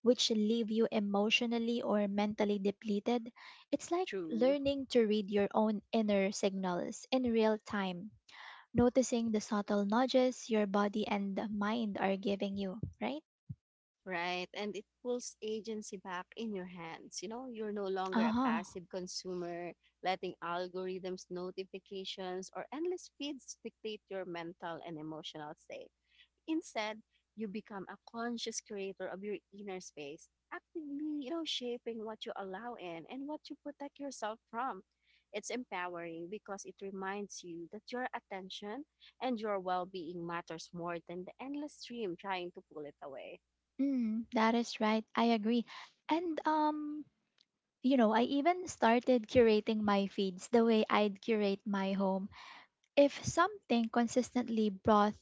which leave you emotionally or mentally depleted. It's like True. learning to read your own inner signals in real time, noticing the subtle nudges your body and mind are giving you, right? Right. And it pulls agency back in your hands. You know, you're no longer Uh a huh. passive consumer, letting algorithms, notifications, or endless feeds dictate your mental and emotional state. Instead, you become a conscious creator of your inner space, actively, you know, shaping what you allow in and what you protect yourself from. It's empowering because it reminds you that your attention and your well-being matters more than the endless stream trying to pull it away. Mm, that is right. I agree. And, you know, I even started curating my feeds the way I'd curate my home. If something consistently brought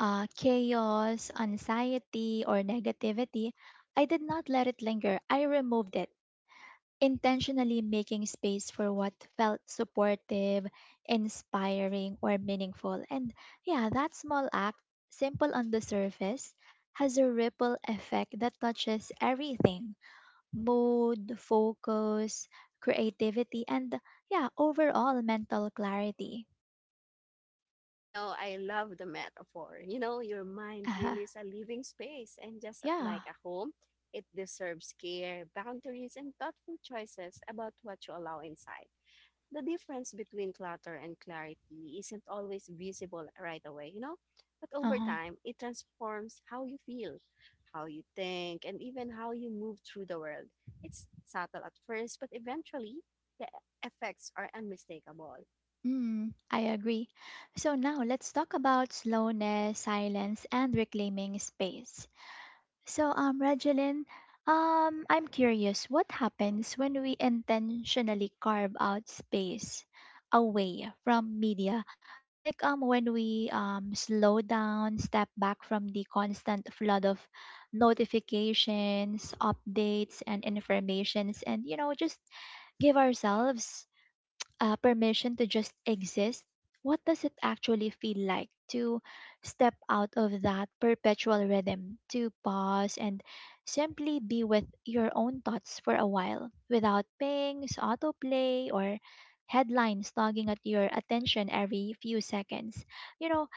chaos, anxiety, or negativity, I did not let it linger. I removed it, intentionally making space for what felt supportive, inspiring, or meaningful. And yeah, that small act, simple on the surface, has a ripple effect that touches everything: mood, focus, creativity, and yeah, overall mental clarity. You know, I love the metaphor. You know, your mind Uh, really is a living space, and just yeah. like a home, it deserves care, boundaries, and thoughtful choices about what you allow inside. The difference between clutter and clarity isn't always visible right away, you know? But over Uh-huh. time, it transforms how you feel, how you think, and even how you move through the world. It's subtle at first, but eventually, the effects are unmistakable, Mm, I agree. So now let's talk about slowness, silence, and reclaiming space. So, Regeline, I'm curious, what happens when we intentionally carve out space away from media? Like when we slow down, step back from the constant flood of notifications, updates, and informations, and, you know, just give ourselves permission to just exist. What does it actually feel like to step out of that perpetual rhythm, to pause and simply be with your own thoughts for a while without pings, autoplay, or headlines tugging at your attention every few seconds? You know,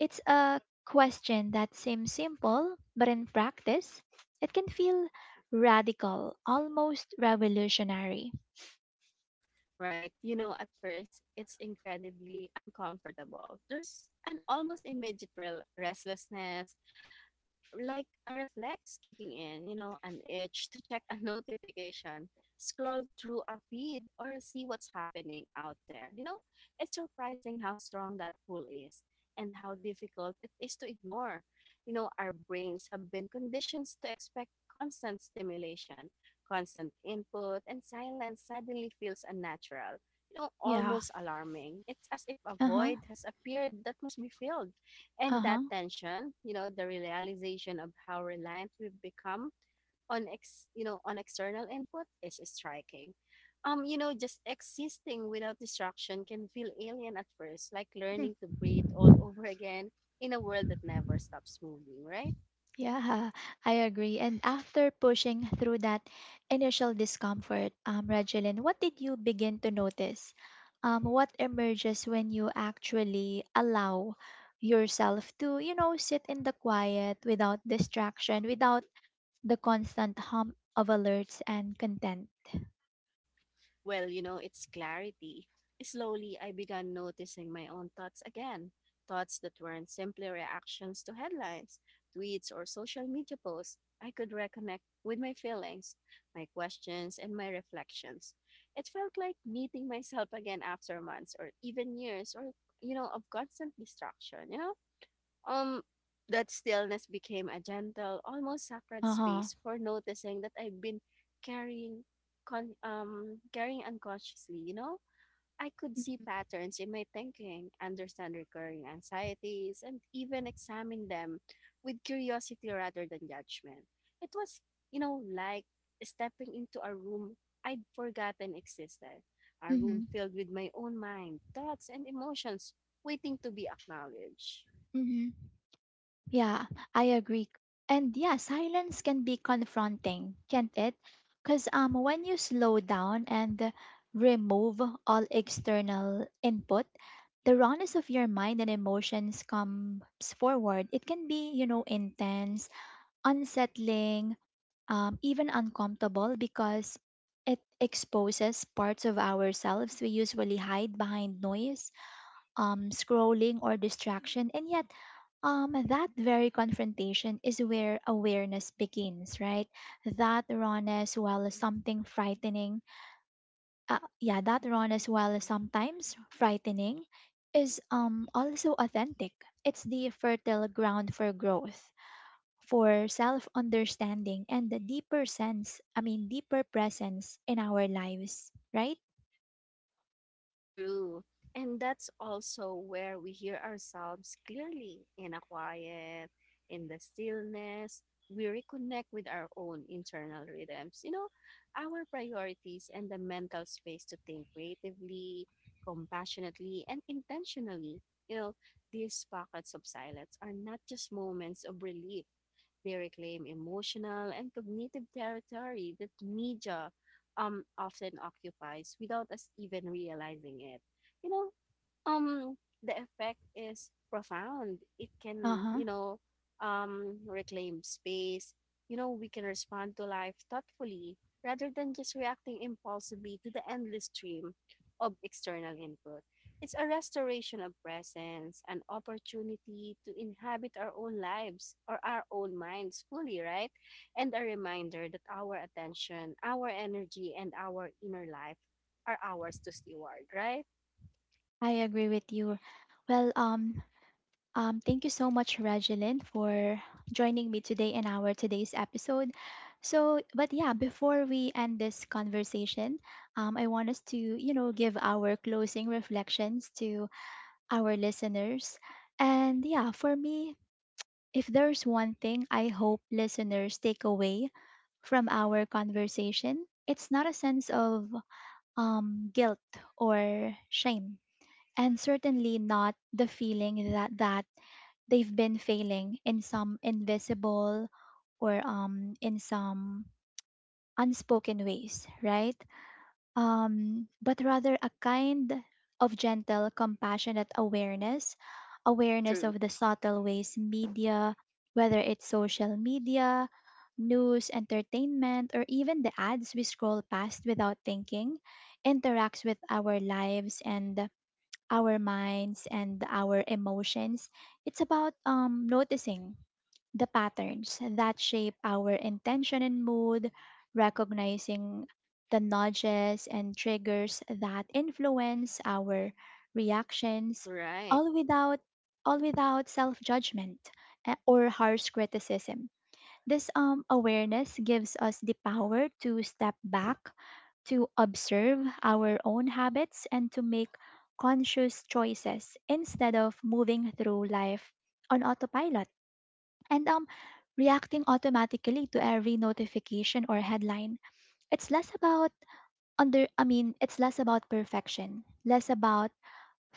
it's a question that seems simple, but in practice, it can feel radical, almost revolutionary. right? You know, at first, it's incredibly uncomfortable. There's an almost immediate restlessness, like a reflex kicking in, you know, an itch to check a notification, scroll through a feed, or see what's happening out there. You know, it's surprising how strong that pull is and how difficult it is to ignore. You know, our brains have been conditioned to expect constant stimulation, constant input, and silence suddenly feels unnatural. You know, Yeah. almost alarming. It's as if a Uh huh. void has appeared that must be filled, Uh and that huh. tension, you know, the realization of how reliant we've become on on external input is striking. Just existing without distraction can feel alien at first, like learning to breathe all over again in a world that never stops moving, right? Yeah, I agree. And after pushing through that initial discomfort, Regeline, what did you begin to notice? What emerges when you actually allow yourself to, you know, sit in the quiet without distraction, without the constant hum of alerts and content? Well, you know, it's clarity. Slowly, I began noticing my own thoughts again. Thoughts that weren't simply reactions to headlines, tweets, or social media posts. I could reconnect with my feelings, my questions, and my reflections. It felt like meeting myself again after months or even years or, you know, of constant distraction, you know? Um, that stillness became a gentle, almost sacred Uh huh. space for noticing that I've been carrying, carrying unconsciously. You know, I could see patterns in my thinking, understand recurring anxieties, and even examine them with curiosity rather than judgment. It was, you know, like stepping into a room I'd forgotten existed, a Mm-hmm. room filled with my own mind, thoughts, and emotions waiting to be acknowledged. Mm-hmm. Yeah, I agree. And yeah, silence can be confronting, can't it? Because when you slow down and remove all external input, the rawness of your mind and emotions comes forward. It can be, you know, intense, unsettling, even uncomfortable because it exposes parts of ourselves we usually hide behind noise, scrolling, or distraction. And yet, that very confrontation is where awareness begins, right? That rawness, while something frightening, Yeah, that rawness, while sometimes frightening, is also authentic. It's the fertile ground for growth, for self understanding, and the deeper sense, deeper presence in our lives, right? True. And that's also where we hear ourselves clearly in a quiet, in the stillness. We reconnect with our own internal rhythms, you know, our priorities and the mental space to think creatively, compassionately, and intentionally. You know, these pockets of silence are not just moments of relief. They reclaim emotional and cognitive territory that media often occupies without us even realizing it. You know, Um, the effect is profound. It Uh can, huh. you know, reclaim space. You know, we can respond to life thoughtfully rather than just reacting impulsively to the endless stream of external input. It's a restoration of presence, an opportunity to inhabit our own lives or our own minds fully, right? And a reminder that our attention, our energy, and our inner life are ours to steward, right? I agree with you. Well, thank you so much, Regeline, for joining me today in our today's episode. So, but yeah, before we end this conversation, I want us to, you know, give our closing reflections to our listeners. And yeah, for me, if there's one thing I hope listeners take away from our conversation, it's not a sense of guilt or shame, and certainly not the feeling that they've been failing in some invisible or in some unspoken ways, right? But rather a kind of gentle, compassionate awareness, awareness True. of the subtle ways media, whether it's social media, news, entertainment, or even the ads we scroll past without thinking, interacts with our lives and our minds and our emotions. It's about noticing the patterns that shape our intention and mood, recognizing the nudges and triggers that influence our reactions, Right. all without all without self-judgment or harsh criticism. This awareness gives us the power to step back, to observe our own habits, and to make conscious choices instead of moving through life on autopilot and reacting automatically to every notification or headline. It's less about it's less about perfection, less about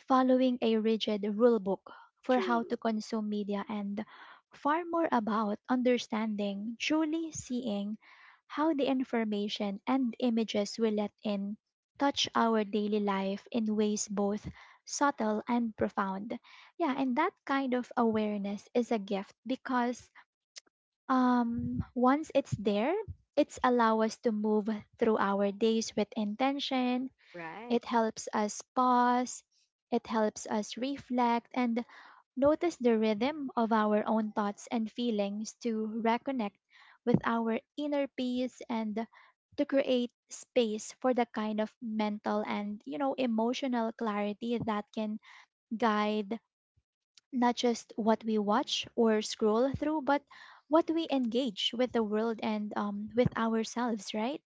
following a rigid rule book for how to True. consume media, and far more about understanding, truly seeing how the information and images we let in touch our daily life in ways both subtle and profound. Yeah, and that kind of awareness is a gift because once it's there, it's allow us to move through our days with intention. Right. It helps us pause. It helps us reflect and notice the rhythm of our own thoughts and feelings, to reconnect with our inner peace and to create space for the kind of mental and, you know, emotional clarity that can guide not just what we watch or scroll through, but what we engage with the world and, with ourselves, right?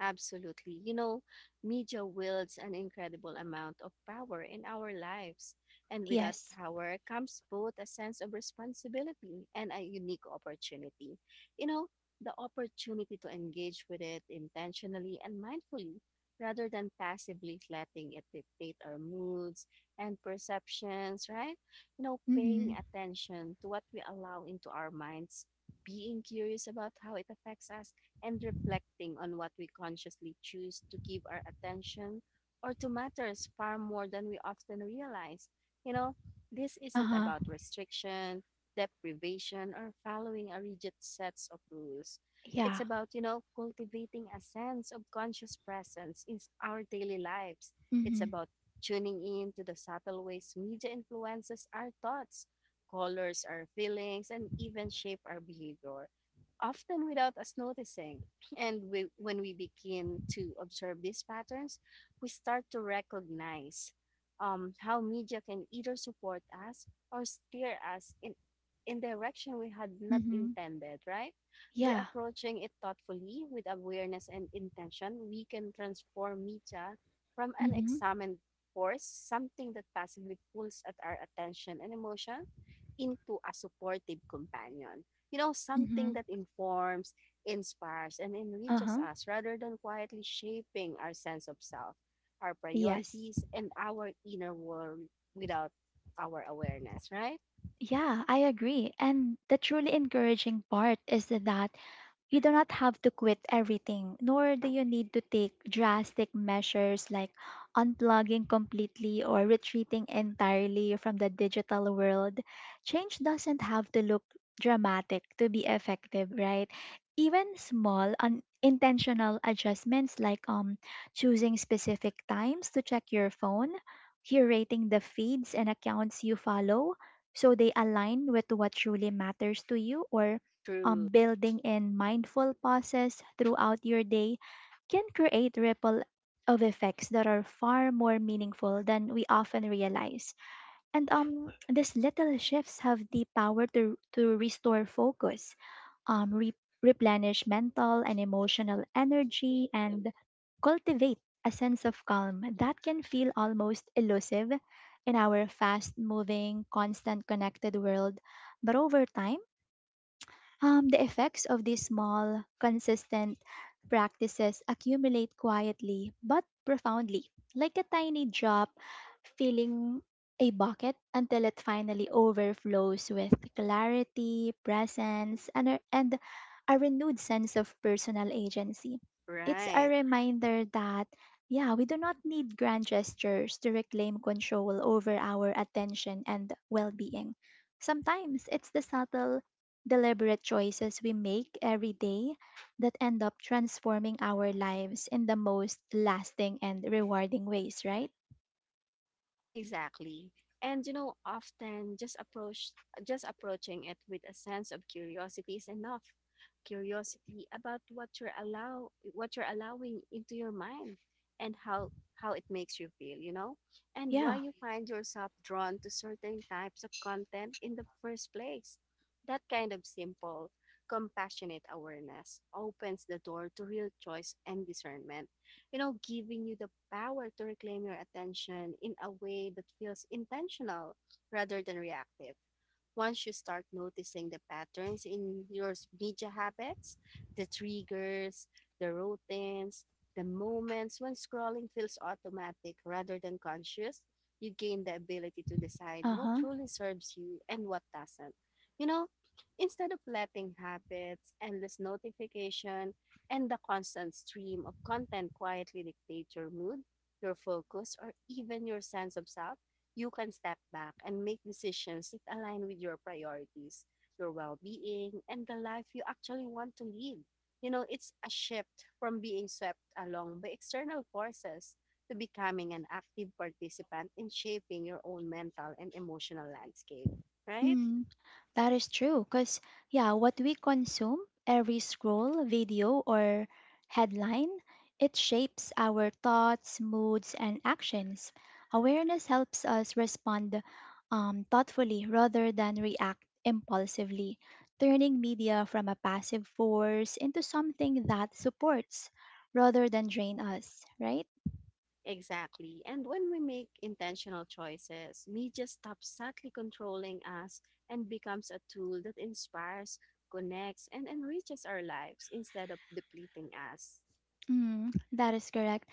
Absolutely. You know, media wields an incredible amount of power in our lives, and with that Yes. power comes both a sense of responsibility and a unique opportunity. You know, the opportunity to engage with it intentionally and mindfully rather than passively letting it dictate our moods and perceptions, right? You know, Mm-hmm. paying attention to what we allow into our minds, being curious about how it affects us and reflecting on what we consciously choose to give our attention or to matters far more than we often realize. You know, this isn't Uh-huh. about restriction, deprivation, or following a rigid sets of rules. It's Yeah. about, you know, cultivating a sense of conscious presence in our daily lives. It's Mm-hmm. about tuning in to the subtle ways media influences our thoughts, colors our feelings, and even shape our behavior often without us noticing. And when we begin to observe these patterns, we start to recognize how media can either support us or steer us in direction we had not Mm-hmm. intended, right? By Yeah. approaching it thoughtfully with awareness and intention, we can transform media from an Mm-hmm. examined force, something that passively pulls at our attention and emotion, into a supportive companion, you know, Mm-hmm. something that informs, inspires, and enriches Uh-huh. us rather than quietly shaping our sense of self, our Yes. priorities, and our inner world without our awareness, right? Yeah, I agree. And the truly encouraging part is that you do not have to quit everything, nor do you need to take drastic measures like unplugging completely or retreating entirely from the digital world. Change doesn't have to look dramatic to be effective, right? Even small unintentional adjustments, like choosing specific times to check your phone, curating the feeds and accounts you follow so they align with what truly matters to you, or True. building in mindful pauses throughout your day, can create ripple of effects that are far more meaningful than we often realize. And these little shifts have the power to restore focus, um, re- replenish mental and emotional energy, and cultivate a sense of calm that can feel almost elusive in our fast moving, constant connected world. But over time, the effects of these small, consistent practices accumulate quietly but profoundly, like a tiny drop filling a bucket until it finally overflows with clarity, presence, and a renewed sense of personal agency. It's a Right. reminder that, yeah, we do not need grand gestures to reclaim control over our attention and well being. Sometimes it's the subtle, deliberate choices we make every day that end up transforming our lives in the most lasting and rewarding ways, right? Exactly. And you know, often just approach just approaching it with a sense of curiosity is enough. Curiosity about what you're allowing into your mind and how it makes you feel, you know? And why Yeah. you find yourself drawn to certain types of content in the first place. That kind of simple, compassionate awareness opens the door to real choice and discernment, you know, giving you the power to reclaim your attention in a way that feels intentional rather than reactive. Once you start noticing the patterns in your media habits, the triggers, the routines, the moments when scrolling feels automatic rather than conscious, you gain the ability to decide Uh what huh. truly serves you and what doesn't. You know, instead of letting habits, endless notification, and the constant stream of content quietly dictate your mood, your focus, or even your sense of self, you can step back and make decisions that align with your priorities, your well being, and the life you actually want to lead. You know, it's a shift from being swept along by external forces to becoming an active participant in shaping your own mental and emotional landscape, right? That is true. Because, yeah, what we consume, every scroll, video, or headline, it shapes our thoughts, moods, and actions. Awareness helps us respond thoughtfully rather than react impulsively, turning media from a passive force into something that supports rather than drain us, right? Exactly. And when we make intentional choices, media stops subtly controlling us and becomes a tool that inspires, connects, and enriches our lives instead of depleting us. Mm, that is correct.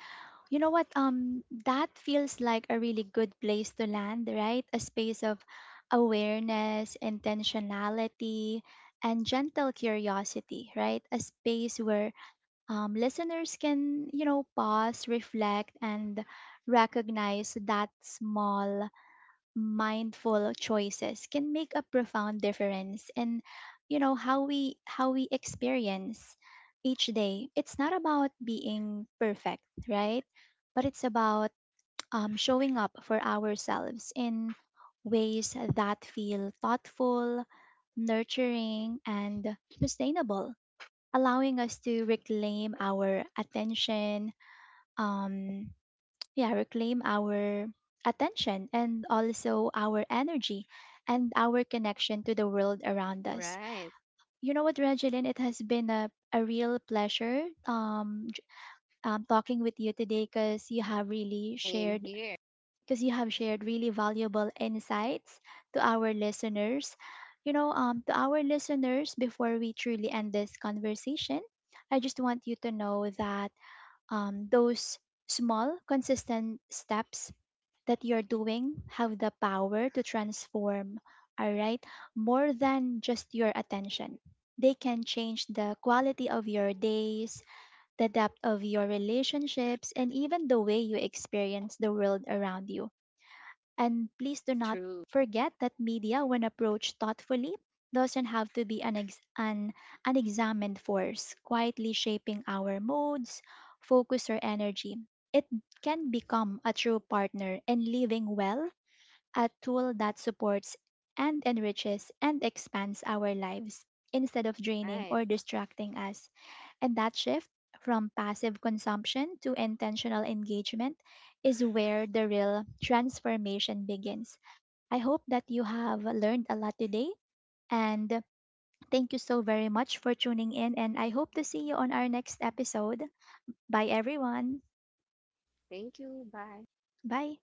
You know what, that feels like a really good place to land, right? A space of awareness, intentionality, and gentle curiosity, right? A space where, listeners can, you know, pause, reflect, and recognize that small mindful choices can make a profound difference in, you know, how we experience each day. It's not about being perfect, right? But it's about showing up for ourselves in ways that feel thoughtful, nurturing, and sustainable, allowing us to reclaim our attention, um, yeah, reclaim our attention and also our energy and our connection to the world around us. Right. You know what, Regeline, it has been a real pleasure talking with you today because you have really Same shared here. because you have shared really valuable insights to our listeners. You know, to our listeners, before we truly end this conversation, I just want you to know that those small, consistent steps that you're doing have the power to transform, all right, more than just your attention. They can change the quality of your days, the depth of your relationships, and even the way you experience the world around you. And please do not True. forget that media, when approached thoughtfully, doesn't have to be an unexamined force, quietly shaping our moods, focus, or energy. It can become a true partner in living well, a tool that supports and enriches and expands our lives instead of draining Right. or distracting us. And that shift from passive consumption to intentional engagement is where the real transformation begins. I hope that you have learned a lot today, and thank you so very much for tuning in, and I hope to see you on our next episode. Bye, everyone. Thank you. Bye. Bye.